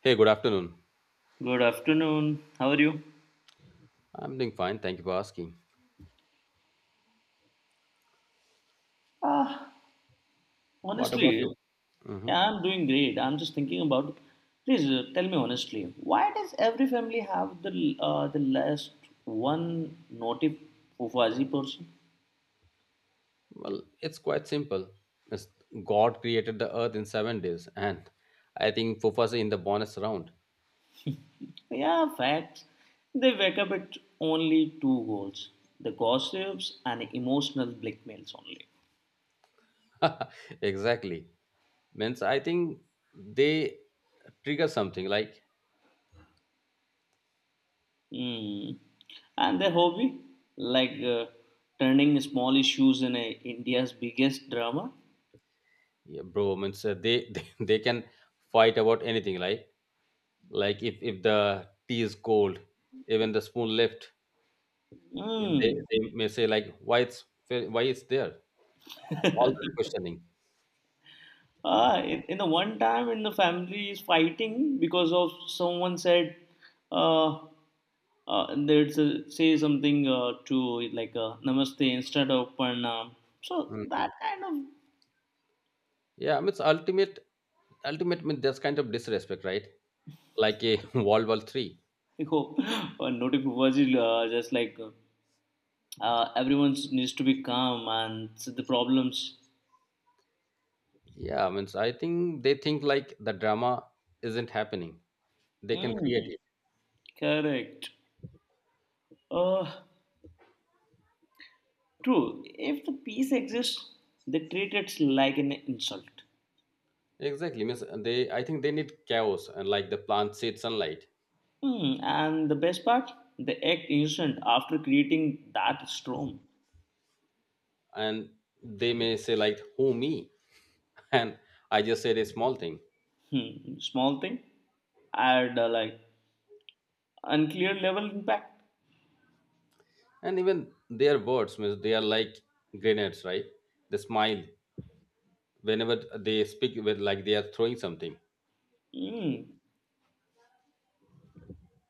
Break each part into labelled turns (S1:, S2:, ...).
S1: Hey, good afternoon.
S2: Good afternoon. How are you?
S1: I'm doing fine. Thank you for asking.
S2: Ah,
S1: What about you?
S2: Honestly,
S1: Hmm.
S2: yeah, I'm doing great. I'm just thinking about. Please tell me honestly, why does every family have the last one naughty fufazi person?
S1: Well, it's quite simple. It's God created the earth in 7 days, and I think Fufas in the bonus round.
S2: Yeah, facts. They wake up at only two goals: the gossips and emotional blackmails only.
S1: Exactly. Means I think they trigger something like,
S2: Hmm. And their hobby, like turning small issues in India's biggest drama.
S1: yeah, bro, means they, they can fight about anything, like. Like if the tea is cold, even the spoon left, they,
S2: Hmm.
S1: they may say like, why it's there? All that questioning.
S2: In the one time in the family is fighting because of someone said uh, say something to it like namaste instead of pranam. So that
S1: Mhm.
S2: kind of
S1: Yeah, I mean, ultimate mean that's kind of disrespect, right? Like a World War Three.
S2: you know, notification was just like everyone needs to be calm and see the problems.
S1: Yeah, I mean, so I think they think like the drama isn't happening. They can create
S2: Mm,
S1: it.
S2: correct. Uh, true. If the peace exists, they treat it like an insult.
S1: Exactly. Means they, I think they need chaos and like the plant said sunlight,
S2: Hmm, and the best part, the egg isn't after creating that storm.
S1: and they may say like who me, and I just said a small thing.
S2: Hmm, small thing at like unclear level impact.
S1: And even their words means they are like grenades, right? They smile whenever they speak with like they are throwing something.
S2: Hmm.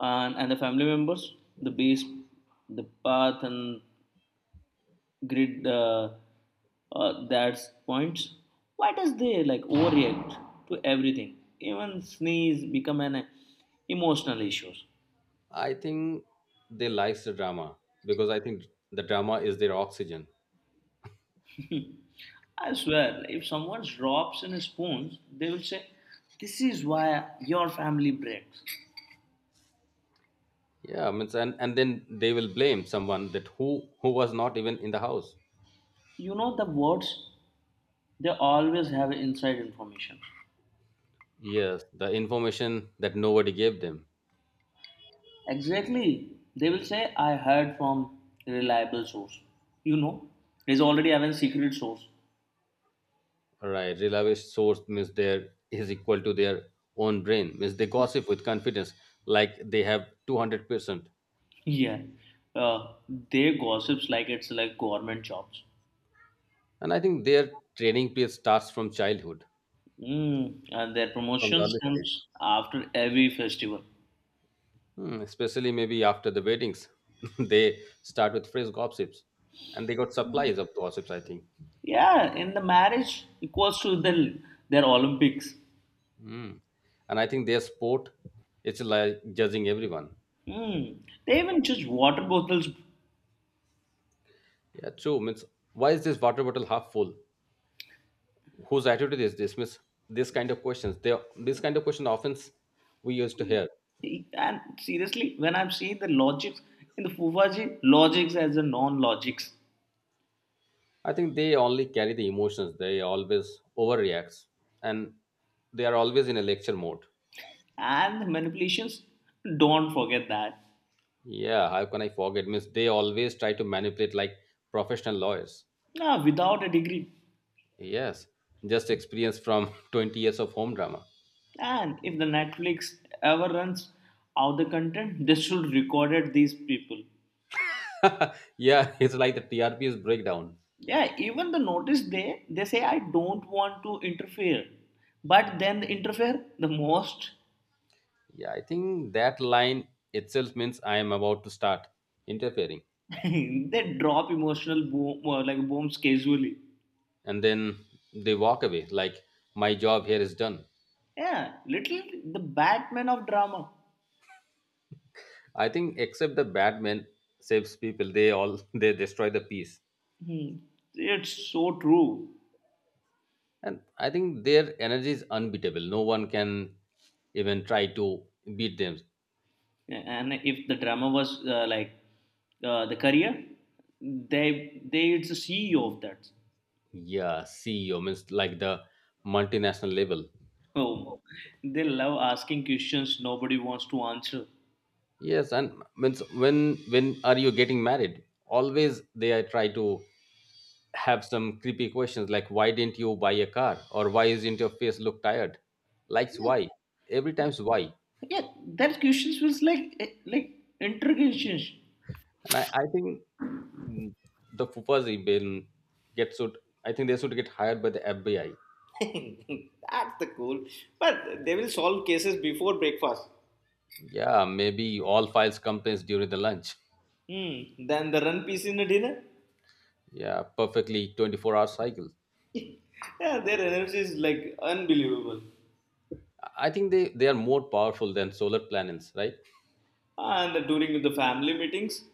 S2: And the family members, the base, the path and grid that's points. Why does they like overreact to everything? Even sneeze become an emotional issue.
S1: I think they likes the drama because I think the drama is their oxygen.
S2: I swear, if someone drops in spoons, they will say, this is why your family breaks.
S1: Yeah, I mean, and then they will blame someone that who was not even in the house.
S2: You know the words? They always have inside information.
S1: Yes, the information that nobody gave them.
S2: Exactly. They will say, I heard from reliable source. You know, he's already having secret source.
S1: Right, reliable source means there is equal to their own brain. Means they gossip with confidence like they have 200%.
S2: Yeah. Uh, they gossips like it's like government jobs.
S1: And I think their training period starts from childhood,
S2: Mm, and their
S1: from the
S2: promotions
S1: early stage.
S2: comes after every festival.
S1: Hmm, especially maybe after the weddings, they start with fresh gossips, and they got supplies of gossips. I think.
S2: Yeah, in the marriage equals to the their Olympics.
S1: Hmm. And I think their sport is like judging everyone.
S2: Mm. They even judge water bottles.
S1: Yeah, true. Means why is this water bottle half full? Whose attitude is this? Means this kind of questions. They this kind of question we used to hear.
S2: And seriously, when I'm seeing the logics in the Fufaji, logics as a non logics
S1: I think they only carry the emotions. They always overreacts, and they are always in a lecture mode.
S2: and the manipulations, don't forget that.
S1: Yeah, how can I forget? Means they always try to manipulate like professional lawyers.
S2: Nah, without a degree.
S1: Yes, just experience from 20 years of home drama.
S2: And if the Netflix ever runs out the content, they should record it these people.
S1: Yeah, it's like the TRP is breakdown.
S2: Yeah, even the notice they say I don't want to interfere, but then they interfere the most.
S1: Yeah, I think that line itself means I am about to start interfering.
S2: they drop emotional boom, like bombs casually.
S1: And then they walk away like my job here is done.
S2: Yeah, little the Batman of drama.
S1: I think except the bad men saves people, they all they destroy the peace.
S2: Hmm. It's so true.
S1: And I think their energy is unbeatable. No one can even try to beat them.
S2: And if the drama was like the career, they it's the CEO of that.
S1: Yeah, CEO means like the multinational level.
S2: Oh, they love asking questions nobody wants to answer.
S1: Yes, and means when are you getting married? Always they are try to have some creepy questions like why didn't you buy a car or why isn't your face look tired? Likes
S2: Yeah,
S1: why? Every time's why.
S2: yeah. That questions feels like like interrogations.
S1: And I think mm, the fupas been get should I think they should get hired by the FBI.
S2: That's the cool. But they will solve cases before breakfast.
S1: Yeah, maybe all files complaints during the lunch.
S2: Hmm. Then the run piece in the dinner.
S1: Yeah, perfectly 24-hour cycle.
S2: Yeah, their energy is like unbelievable.
S1: I think they are more powerful than solar planets, right?
S2: And during the family meetings,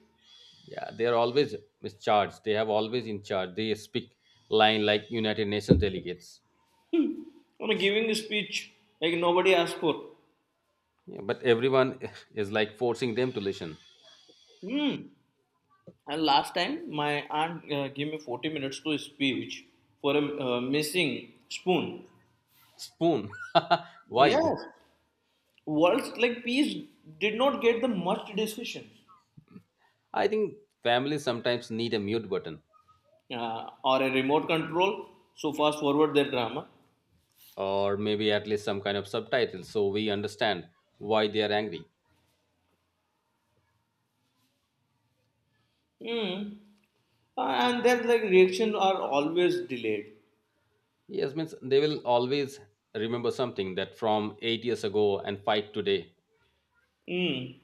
S1: Yeah, they are always mischarged. They have always in charge. They speak line like United Nations delegates.
S2: hmm, I'm giving a speech like nobody asked for.
S1: Yeah, but everyone is like forcing them to listen.
S2: Hmm. And last time, my aunt gave me 40 minutes to speech for a missing spoon.
S1: Spoon. Why?
S2: Yes, words like peace did not get the much discussion
S1: I think families sometimes need a mute button,
S2: or a remote control. So fast forward their drama.
S1: or maybe at least some kind of subtitle so we understand why they are angry.
S2: Hmm. And their like reaction are always delayed.
S1: Yes, means they will always remember something that from 8 years ago and fight today.
S2: Hmm.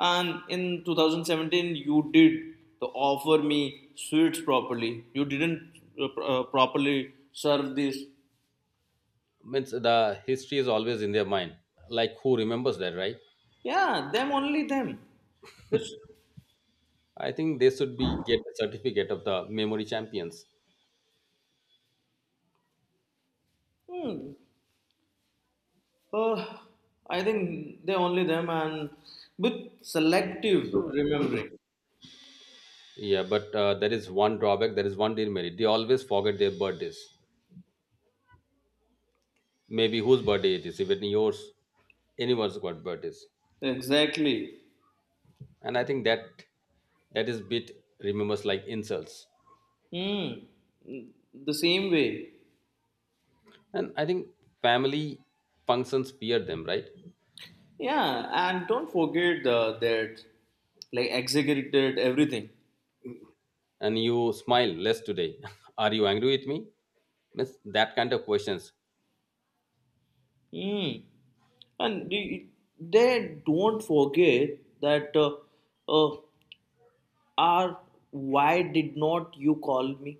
S2: And in 2017, you did the offer me sweets properly. You didn't properly serve this.
S1: Means the history is always in their mind, like who remembers that, right?
S2: Yeah, them only them. This,
S1: I think they should be get a certificate of the memory champions.
S2: hmm, uh, I think they only them and with selective remembering.
S1: Yeah, but there is one drawback, there is one demerit, they always forget their birthdays, maybe whose birthday it is, even yours, anyone's got birthdays.
S2: Exactly.
S1: And I think that that is bit remembers like insults.
S2: Hmm. The same way.
S1: And I think family functions fear them, right?
S2: Yeah, and don't forget that, like executed everything.
S1: And you smile less today, are you angry with me? Means that kind of questions.
S2: Hmm. And they don't forget that uh, are why did not you call me?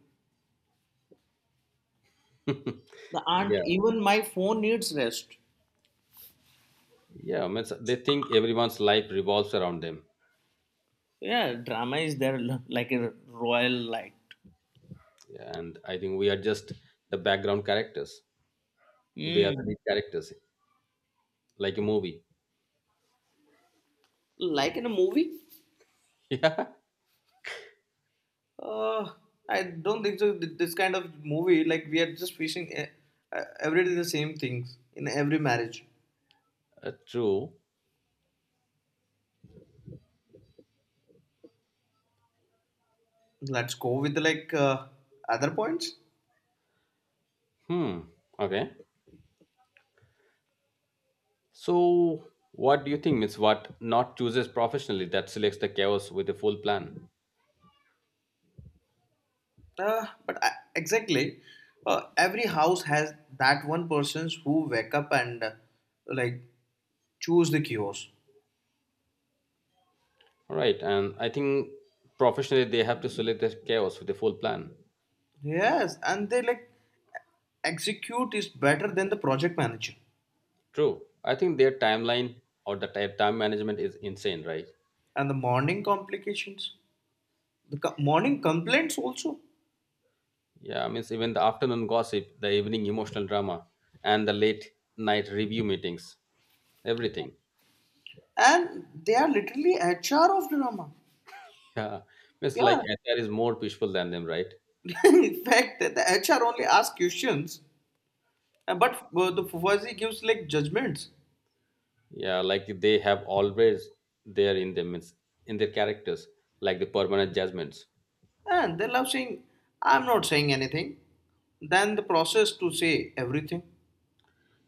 S2: The
S1: Yeah.
S2: aunt, even my phone needs rest.
S1: Yeah, I so they think everyone's life revolves around them.
S2: Yeah, drama is there like a royal light.
S1: Yeah, and I think we are just the background characters. They are the
S2: Mm.
S1: lead characters, like a movie.
S2: Like in a movie?
S1: Yeah,
S2: Uh, I don't think so. This kind of movie, like we are just facing every day the same things in every marriage.
S1: true.
S2: Let's go with like other points.
S1: Hmm. Okay. So, what do you think? Means what not chooses professionally that selects the chaos with a full plan.
S2: Uh, but I, exactly, every house has that one persons who wake up and like choose the kiosk.
S1: Right, and I think professionally they have to select the chaos with a full plan.
S2: Yes, and they like execute is better than the project manager.
S1: True. I think their timeline or the time management is insane, right?
S2: And the morning complications, morning complaints also,
S1: Yeah, I means even the afternoon gossip, the evening emotional drama, and the late night review meetings, everything.
S2: and they are literally HR of drama.
S1: Yeah, means like
S2: Yeah,
S1: HR is more peaceful than them, right?
S2: in fact, the HR only asks questions, uh,
S1: Yeah,
S2: but uh, the Fufazi gives like judgments.
S1: yeah, like they have always there in them, means in their characters, like the permanent judgments.
S2: And they love saying, I'm not saying anything, than the process to say everything.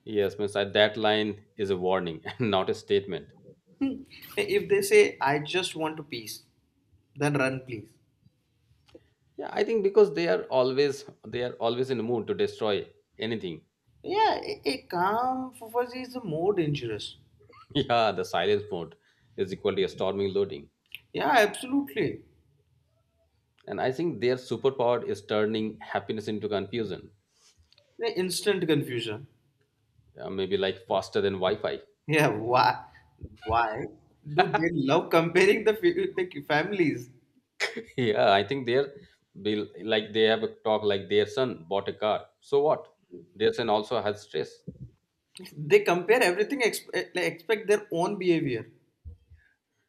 S1: Yes, means I, that line is a warning and not a statement.
S2: Hmm. Hey, if they say, I just want a piece, then run, please.
S1: Yeah, I think because they are always in a mood to destroy anything.
S2: Yeah, a calm fuffaz is more dangerous.
S1: Yeah, the silence mode is equally a storming loading.
S2: Yeah, absolutely.
S1: And I think their superpower is turning happiness into confusion,
S2: The instant confusion.
S1: maybe like faster than Wi Fi.
S2: Yeah, why? Why do they love comparing the families?
S1: Yeah, I think they're be like they have a talk like their son bought a car. So what? Their son also has stress.
S2: They compare everything, like expect their own behavior.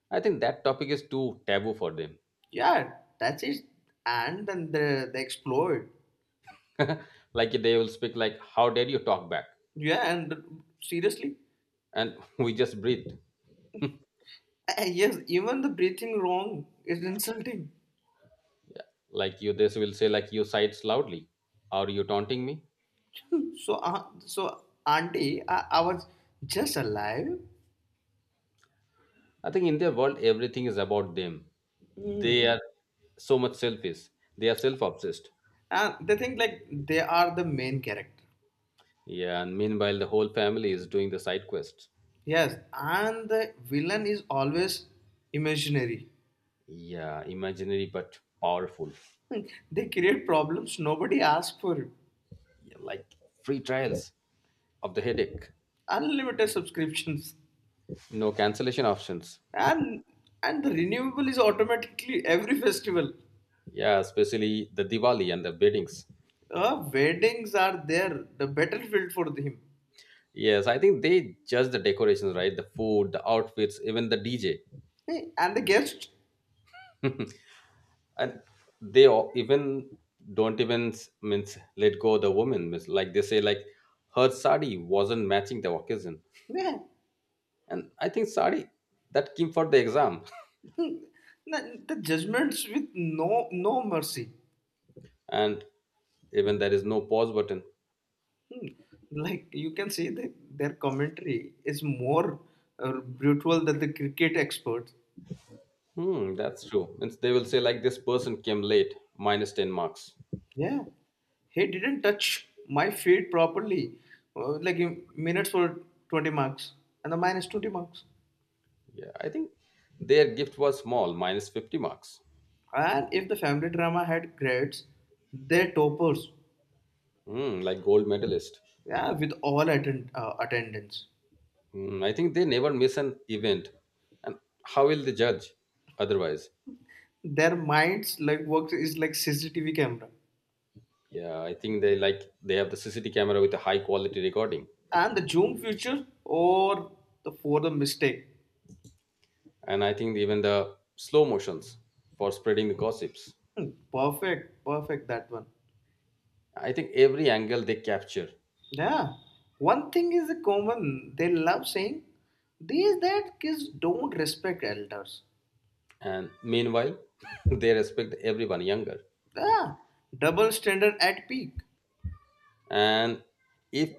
S1: I think that topic is too taboo for them.
S2: Yeah, that's it. And then they explode.
S1: Like they will speak like, "How dare you talk back?"
S2: Yeah, and seriously,
S1: And we just breathe.
S2: yes, even the breathing wrong is insulting.
S1: Like you, this will say like you sighs loudly. Are you taunting me?
S2: So auntie, I was just alive.
S1: I think in their world everything is about them.
S2: Mm.
S1: They are so much selfish. They are self-obsessed.
S2: And they think like they are the main character.
S1: Yeah, and meanwhile, the whole family is doing the side quest.
S2: Yes, and the villain is always imaginary.
S1: Yeah, imaginary but powerful.
S2: Hmm, they create problems nobody asks for.
S1: Yeah, like free trials of the headache,
S2: Unlimited subscriptions,
S1: no cancellation options.
S2: and the renewable is automatically every festival.
S1: Yeah, especially the Diwali and the weddings.
S2: Weddings are there, the battlefield for them.
S1: Yes, I think they judge the decorations, right? The food, the outfits, even the DJ,
S2: Hey, and the guest,
S1: and they all, even don't even s- means let go the woman. Means like they say, like her sari wasn't matching the occasion,
S2: yeah,
S1: and I think sari that came for the exam.
S2: hmm, the judgments with no no mercy.
S1: And even there is no pause button.
S2: Hmm. Like you can see that their commentary is more brutal than the cricket experts.
S1: Hmm, that's true and they will say like this person came late minus 10 marks.
S2: Yeah, he didn't touch my feet properly, like in minutes for 20 marks and the minus 20 marks.
S1: Yeah, I think their gift was small minus 50 marks.
S2: And if the family drama had grades, they're toppers.
S1: Hmm, like gold medalist.
S2: Yeah, with all attendance.
S1: Hmm, I think they never miss an event. And how will they judge otherwise?
S2: Their minds like works is like CCTV camera.
S1: Yeah, I think they like they have the CCTV camera with a high quality recording.
S2: And the zoom feature or the for the mistake.
S1: And I think even the slow motions for spreading the gossips.
S2: Hmm, perfect, perfect that one.
S1: I think every angle they capture.
S2: Yeah. One thing is common they love saying these that kids don't respect elders.
S1: And meanwhile they respect everyone younger.
S2: Yeah. Double standard at peak.
S1: And if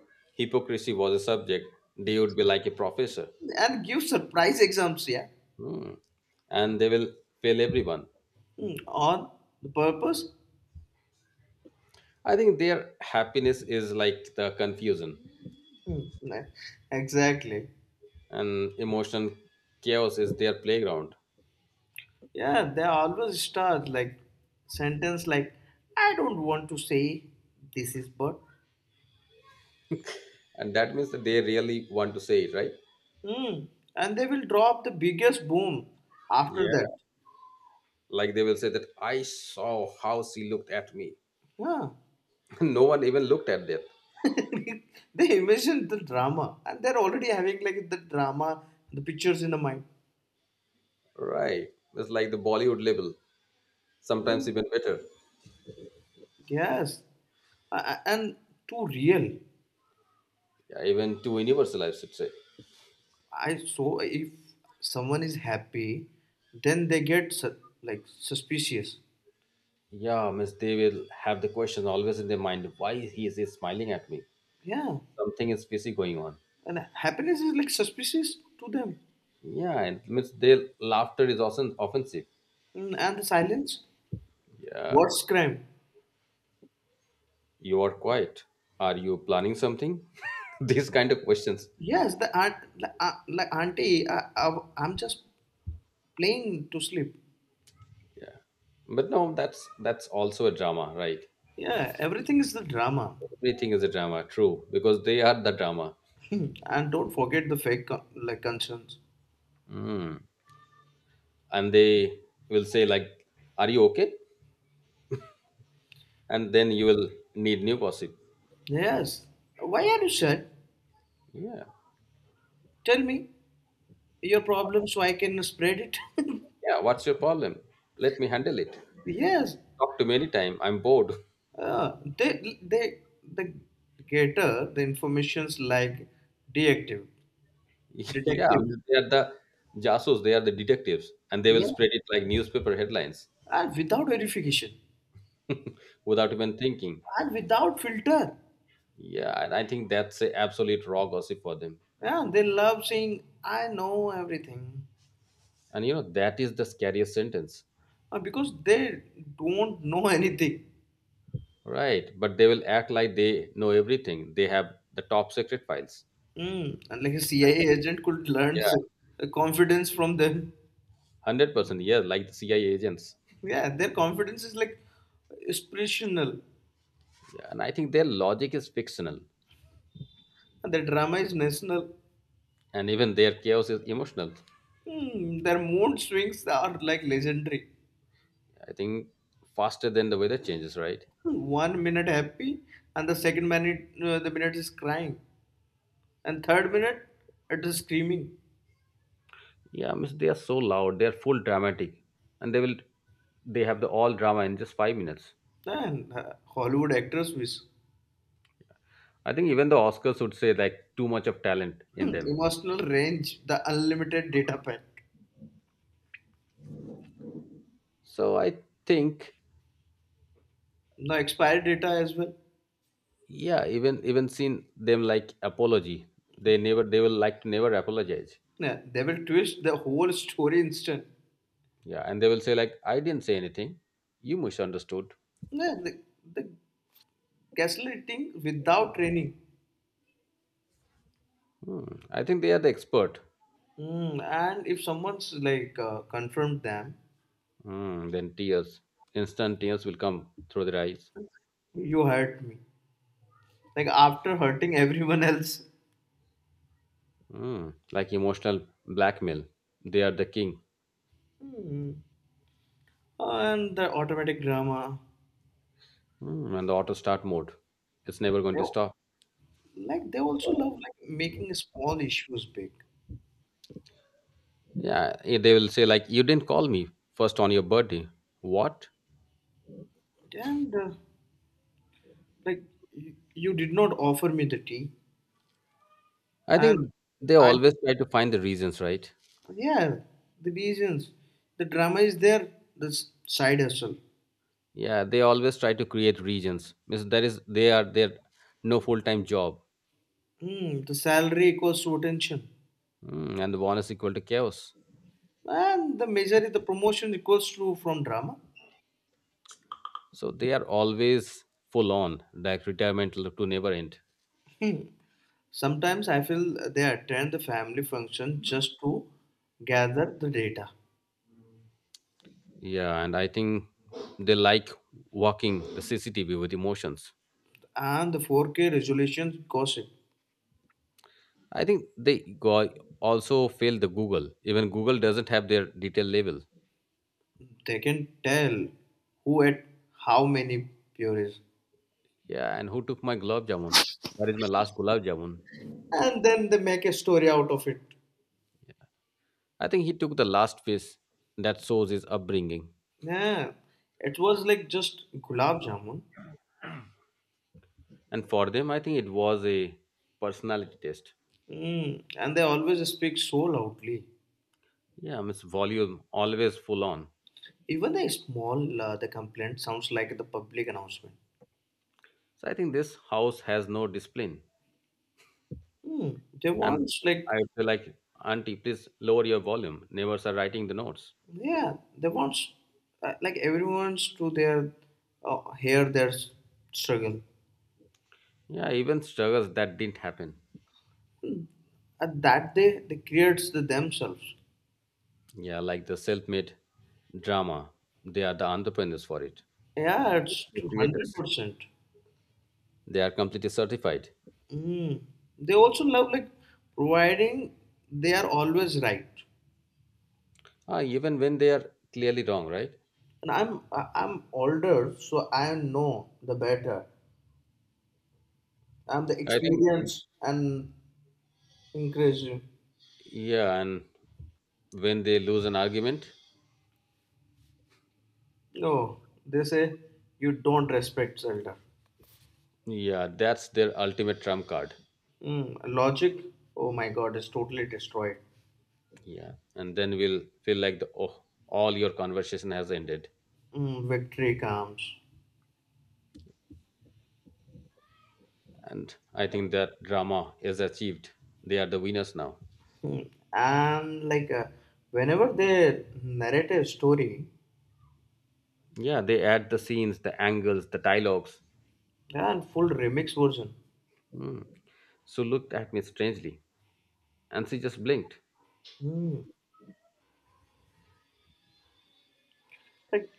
S1: hypocrisy was a subject they would be like a professor.
S2: And give surprise exams, yeah.
S1: Hmm. And they will fail everyone.
S2: Hmm, on the purpose?
S1: I think their happiness is like the confusion
S2: Hmm, nah, Exactly.
S1: and emotional chaos is their playground.
S2: Yeah, they always start like sentence like I don't want to say this is but
S1: And that means that they really want to say it, right?
S2: hmm, and they will drop the biggest boom after that.
S1: Yeah, like they will say that I saw how she looked at me.
S2: Yeah.
S1: No one even looked at that,
S2: they imagine the drama and they're already having like the drama, the pictures in the mind.
S1: right? It's like the bollywood level, sometimes even better.
S2: Yes. And too real.
S1: Yeah, even to universal, I should say.
S2: I so if someone is happy, then like suspicious.
S1: Yeah, means they will have the question always in their mind: Why he is he smiling at me?
S2: Yeah.
S1: Something is fishy going on.
S2: And happiness is like suspicious to them.
S1: Yeah, and means their laughter is often offensive.
S2: Mm, and the silence
S1: Yeah,
S2: what's crime
S1: you are quiet. Are you planning something? These kind of questions.
S2: yes the aunt like auntie, I'm just playing to sleep.
S1: Yeah, but no, that's also a drama, right?
S2: Yeah, everything is the drama.
S1: Everything is a drama, true, because they are the drama.
S2: and don't forget like concerns.
S1: Mm. And they will say like, "Are you okay?" And then you will need new gossip.
S2: Yes, why are you sad?
S1: Yeah.
S2: Tell me your problem so I can spread it.
S1: Yeah, what's your problem? Let me handle it.
S2: yes,
S1: Talk to many time. I'm bored.
S2: they the gator the informations like detective
S1: Yeah, I
S2: detective
S1: mean, they are the jasos, they are the detectives, and they will
S2: Yeah,
S1: spread it like newspaper headlines,
S2: and without verification
S1: without even thinking.
S2: and without filter.
S1: Yeah, and I think that's a absolute raw gossip for them.
S2: Yeah, they love saying, I know everything
S1: And you know, that is the scariest sentence.
S2: because they don't know anything.
S1: Right. But they will act like they know everything. They have the top secret files.
S2: Mm. And like a
S1: Like,
S2: CIA agent could learn
S1: yeah,
S2: confidence from them.
S1: 100%. Yeah, like the CIA agents.
S2: Yeah, their confidence is like inspirational,
S1: Yeah, and I think their logic is fictional
S2: and their drama is national.
S1: and even their chaos is emotional.
S2: Mm. Their mood swings are like legendary.
S1: I think faster than the weather changes, right?
S2: Hmm, 1 minute happy, and the second minute, the minute is crying, and third minute, it is screaming.
S1: Yeah, I mean, they are so loud. They are full dramatic, and they will they have the all drama in just 5 minutes.
S2: And Hollywood actors wish.
S1: I think even the Oscars would say like too much of talent in
S2: Hmm,
S1: them.
S2: emotional range, the unlimited data pack.
S1: So I think
S2: No expired data as well.
S1: yeah, even even seen them like apology. They never they will like to never apologize.
S2: Yeah, they will twist the whole story instant.
S1: Yeah, and they will say like I didn't say anything. You misunderstood.
S2: Yeah, the gaslighting without training.
S1: Hmm. I think they are the expert.
S2: Hmm, and if someone's like confirmed them,
S1: Hmm. Then tears, instant tears will come through their eyes.
S2: you hurt me. Like after hurting everyone else.
S1: Mm, like emotional blackmail. They are the king.
S2: Hmm. And the automatic drama.
S1: Mm, and the auto start mode. It's never going
S2: They,
S1: to stop.
S2: like they also love like making small issues big.
S1: Yeah, eh, they will say like, you didn't call me first on your birthday. What?
S2: And like you did not offer me the tea.
S1: I
S2: And
S1: think they
S2: I
S1: always
S2: did,
S1: try to find the reasons, right?
S2: yeah, the reasons. The drama is there, side hustle.
S1: Yeah, they always try to create regions. Means there is they are their no full time job,
S2: Hmm, the salary equals to attention.
S1: mm, and the bonus equal to chaos.
S2: And the majority, the promotion equals to from drama.
S1: So they are always full on, like retirement to never end.
S2: Hmm. Sometimes I feel they attend the family function just to gather the data.
S1: Yeah, and I think they like walking the CCTV with emotions.
S2: And the 4K resolution gossip.
S1: I think they go also fail the Google. Even Google doesn't have their detail label.
S2: They can tell who at how many pure
S1: Yeah, and who took my gulab jamun? Where is my last gulab jamun?
S2: and then they make a story out of it.
S1: I think he took the last piece that shows his upbringing.
S2: Yeah, it was like just gulab jamun.
S1: And for them, I think it was a personality test.
S2: Mm. And they always speak so loudly.
S1: Yeah, Miss Volume always full on.
S2: Even the small the complaint sounds like the public announcement.
S1: So I think this house has no discipline.
S2: Mm. They
S1: And
S2: want like
S1: I feel like, Auntie, please lower your volume. Neighbors are writing the notes.
S2: yeah, they want like everyone's to their hear struggle.
S1: Yeah, even struggles that didn't happen.
S2: At that they creates the themselves.
S1: Yeah, like the self made drama. They are the entrepreneurs for it,
S2: Yeah, it's
S1: the
S2: two
S1: creators.
S2: hundred percent.
S1: They are completely certified.
S2: Mm. They also love like providing they are always right.
S1: Ah, even when they are clearly wrong, right?
S2: And I'm older, so I know the better. I'm the
S1: I think,
S2: experience and increasing.
S1: yeah, and when they lose an argument,
S2: No, they say you don't respect Zelda.
S1: yeah, that's their ultimate trump card.
S2: Mm, logic, oh my God, is totally destroyed.
S1: Yeah, and then we'll feel like the oh, all your conversation has ended.
S2: Mm, victory comes,
S1: And I think that drama is achieved. They are the winners now.
S2: mm, and like whenever they narrate a story,
S1: Yeah, they add the scenes, the angles, the dialogues.
S2: and full remix version.
S1: Hmm. Sue looked at me strangely, and she just blinked.
S2: Mm, like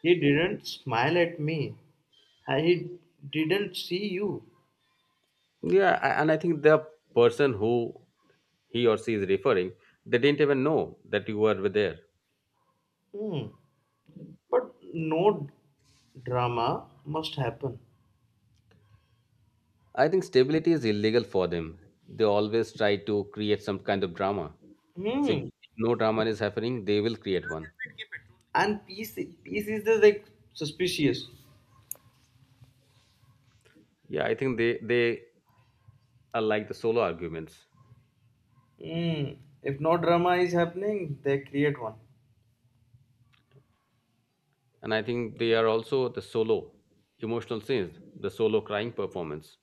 S2: he didn't smile at me. I- He didn't see you.
S1: Yeah, and I think the person who he or she is referring, they didn't even know that you were there.
S2: Hmm. But no drama must happen.
S1: I think stability is illegal for them. They always try to create some kind of drama. See, if
S2: Hmm.
S1: no drama is happening, they will create one.
S2: And peace, peace is the like suspicious.
S1: Yeah, I think they are like the solo arguments,
S2: Hmm. If no drama is happening, they create one.
S1: and I think they are also the solo emotional scenes, the solo crying performance,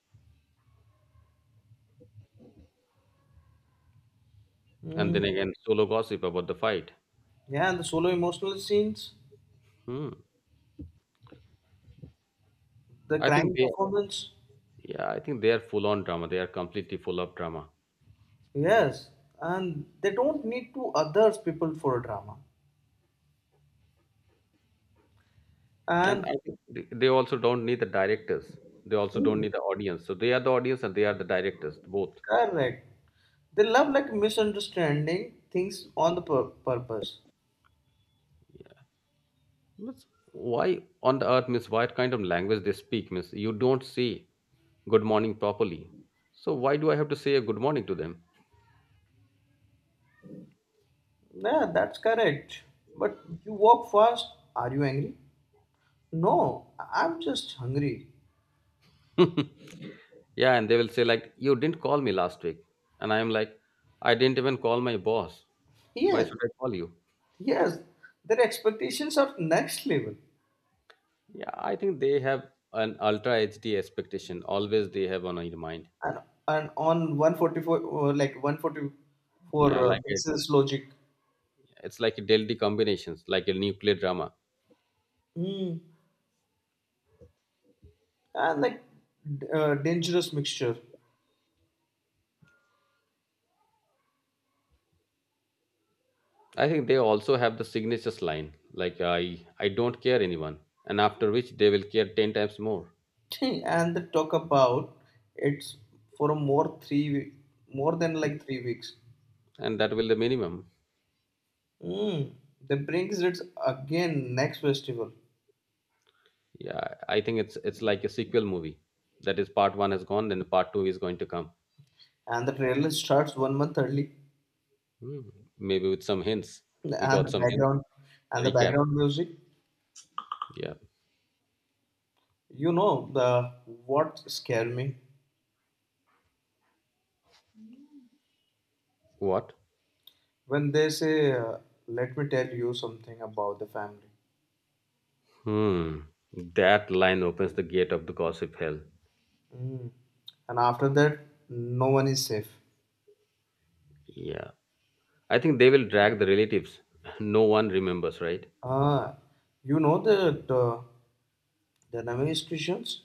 S1: and then
S2: Hmm.
S1: again solo gossip about the fight.
S2: Yeah, and the solo emotional scenes,
S1: Hmm.
S2: the
S1: I think
S2: crying
S1: they,
S2: performance.
S1: yeah, I think they are full on drama. They are completely full of drama.
S2: Yes, and they don't need to others people for drama.
S1: And
S2: And
S1: I think they also don't need the directors. They also don't
S2: hmm,
S1: need the audience. So they are the audience and they are the directors, both.
S2: correct, they love like misunderstanding things on purpose.
S1: But why on the earth, Miss, what kind of language they speak, Miss? You don't say good morning properly. So why do I have to say a good morning to them?
S2: Yeah, that's correct. But you walk fast. Are you angry? No, I'm just hungry.
S1: Yeah, and they will say like, you didn't call me last week. And I am like, I didn't even call my boss. Why
S2: Yes,
S1: should I call you?
S2: yes. Their expectations are next level.
S1: Yeah, I think they have an ultra HD expectation. Always they have on their mind.
S2: And and on 144, like 144
S1: Yeah, like
S2: pixels logic.
S1: it's like a deadly combinations like a nuclear drama.
S2: Mm. And like dangerous mixture.
S1: I think they also have the signatures line like I don't care anyone, and after which they will care ten times more,
S2: and they talk about it's for a more three, wee- more than like 3 weeks.
S1: and that will the minimum.
S2: Mm. They brings it again next festival.
S1: Yeah, I think it's like a sequel movie that is part one has gone, then part two is going to come.
S2: And the trailer starts 1 month early
S1: Hmm, maybe with some hints, we
S2: and
S1: got some hints,
S2: the
S1: recap,
S2: background music.
S1: yeah.
S2: You know the what scare me
S1: What?
S2: when they say let me tell you something about the family.
S1: Hmm, that line opens the gate of the gossip hell.
S2: Mm, and after that no one is safe.
S1: Yeah, I think they will drag the relatives. No one remembers, right?
S2: Ah, you know that the Namesh Christians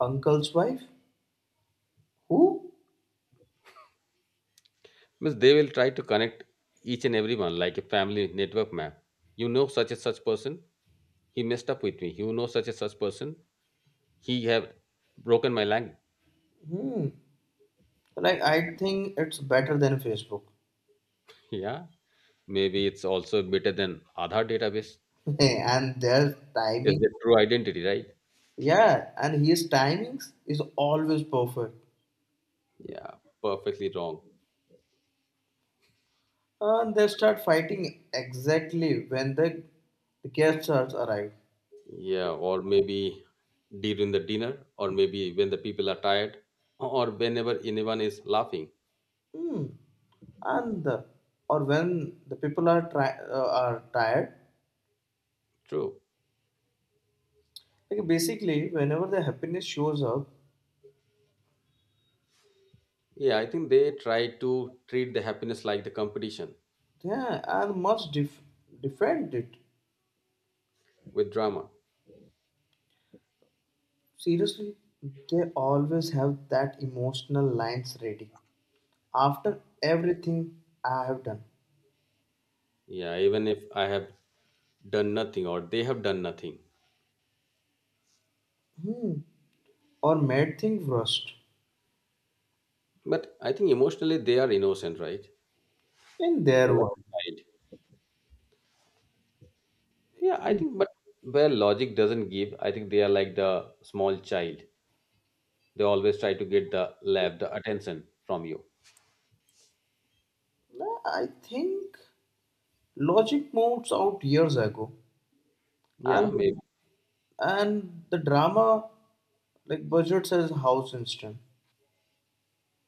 S2: uncle's wife who
S1: Means they will try to connect each and everyone like a family network map. You know such and such person, he messed up with me. You know such and such person, he have broken my leg.
S2: hmm, like I think it's better than Facebook.
S1: Yeah, maybe it's also better than Aadhaar database.
S2: and their
S1: Is
S2: timing
S1: the true identity, right?
S2: yeah, and his timings is always perfect.
S1: Yeah, perfectly wrong.
S2: And they start fighting exactly when the guests are- arrive.
S1: Yeah, or maybe during the dinner, or maybe when the people are tired, or whenever anyone is laughing.
S2: Hmm. And the, or when the people are are tired.
S1: True.
S2: Like basically, whenever the happiness shows up,
S1: Yeah, I think they try to treat the happiness like the competition
S2: yeah, and defend it.
S1: with drama.
S2: Seriously, they always have that emotional lines ready. After everything I have done,
S1: Yeah, even if I have done nothing or they have done nothing.
S2: hmm, or made things worst
S1: But I think emotionally they are innocent, right?
S2: in
S1: They're
S2: their
S1: like
S2: world.
S1: child. Yeah, I
S2: Nah,
S1: think, but where logic doesn't give, I think they are like the small child. They always try to get the lab, the attention from you.
S2: I think logic moves out years ago,
S1: Yeah,
S2: and
S1: maybe,
S2: the drama like budget says house instant.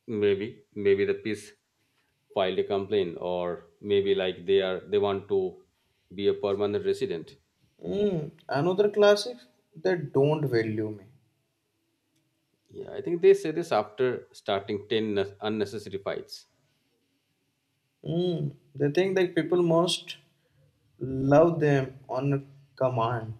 S1: maybe, maybe the police filed a complaint, or maybe like they are they want to be a permanent resident.
S2: Mm, another classic they don't value me.
S1: Yeah, I think they say this after starting ten unnecessary fights.
S2: Mm, they think like people must love them on command.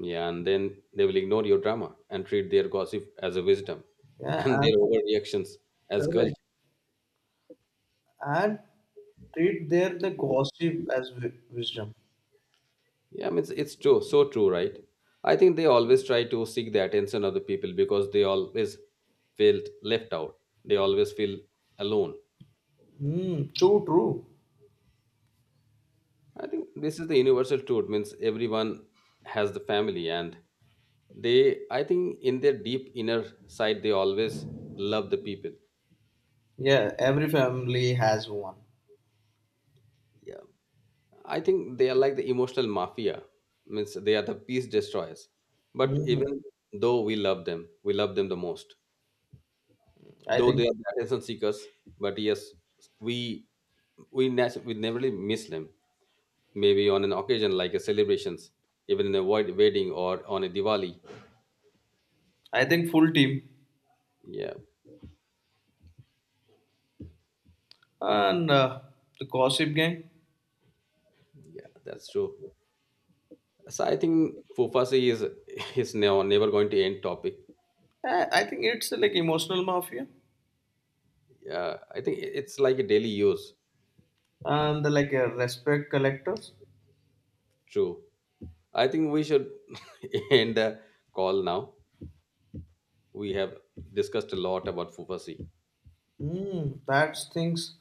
S1: Yeah, and then they will ignore your drama and treat their gossip as a wisdom
S2: Yeah,
S1: and
S2: and
S1: their overreactions as culture.
S2: correct and treat their the gossip as wisdom.
S1: Yeah, I mean, it's true, so true, right? I think they always try to seek the attention of the people because they always felt left out. They always feel alone.
S2: Mm, so true.
S1: I think this is the universal truth, means everyone has the family and they, I think in their deep inner side, they always love the people.
S2: Yeah, every family has one.
S1: Yeah, I think they are like the emotional mafia. Means they are the peace destroyers. But
S2: Mm,
S1: even though we love them the most.
S2: I
S1: Though they
S2: think
S1: are the attention seekers, but yes, we we never really miss them. Maybe on an occasion like a celebrations, even in a wedding or on a Diwali.
S2: I think full team
S1: Yeah,
S2: and the gossip gang.
S1: yeah, that's true. So I think Fufasi is is now never going to end topic.
S2: I think it's like emotional mafia
S1: Yeah, I think it's like a daily use.
S2: and the like respect collectors.
S1: True. I think we should end the call now. We have discussed a lot about Fufasi.
S2: Hmm, that's things.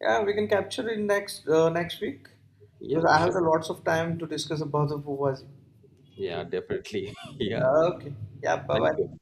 S2: Yeah, we can capture it next next week
S1: Yeah,
S2: because I have
S1: sure.
S2: the lots of time to discuss about the Fuwazi.
S1: Yeah, definitely. Yeah,
S2: Okay. Yeah. Bye
S1: thank you.
S2: bye.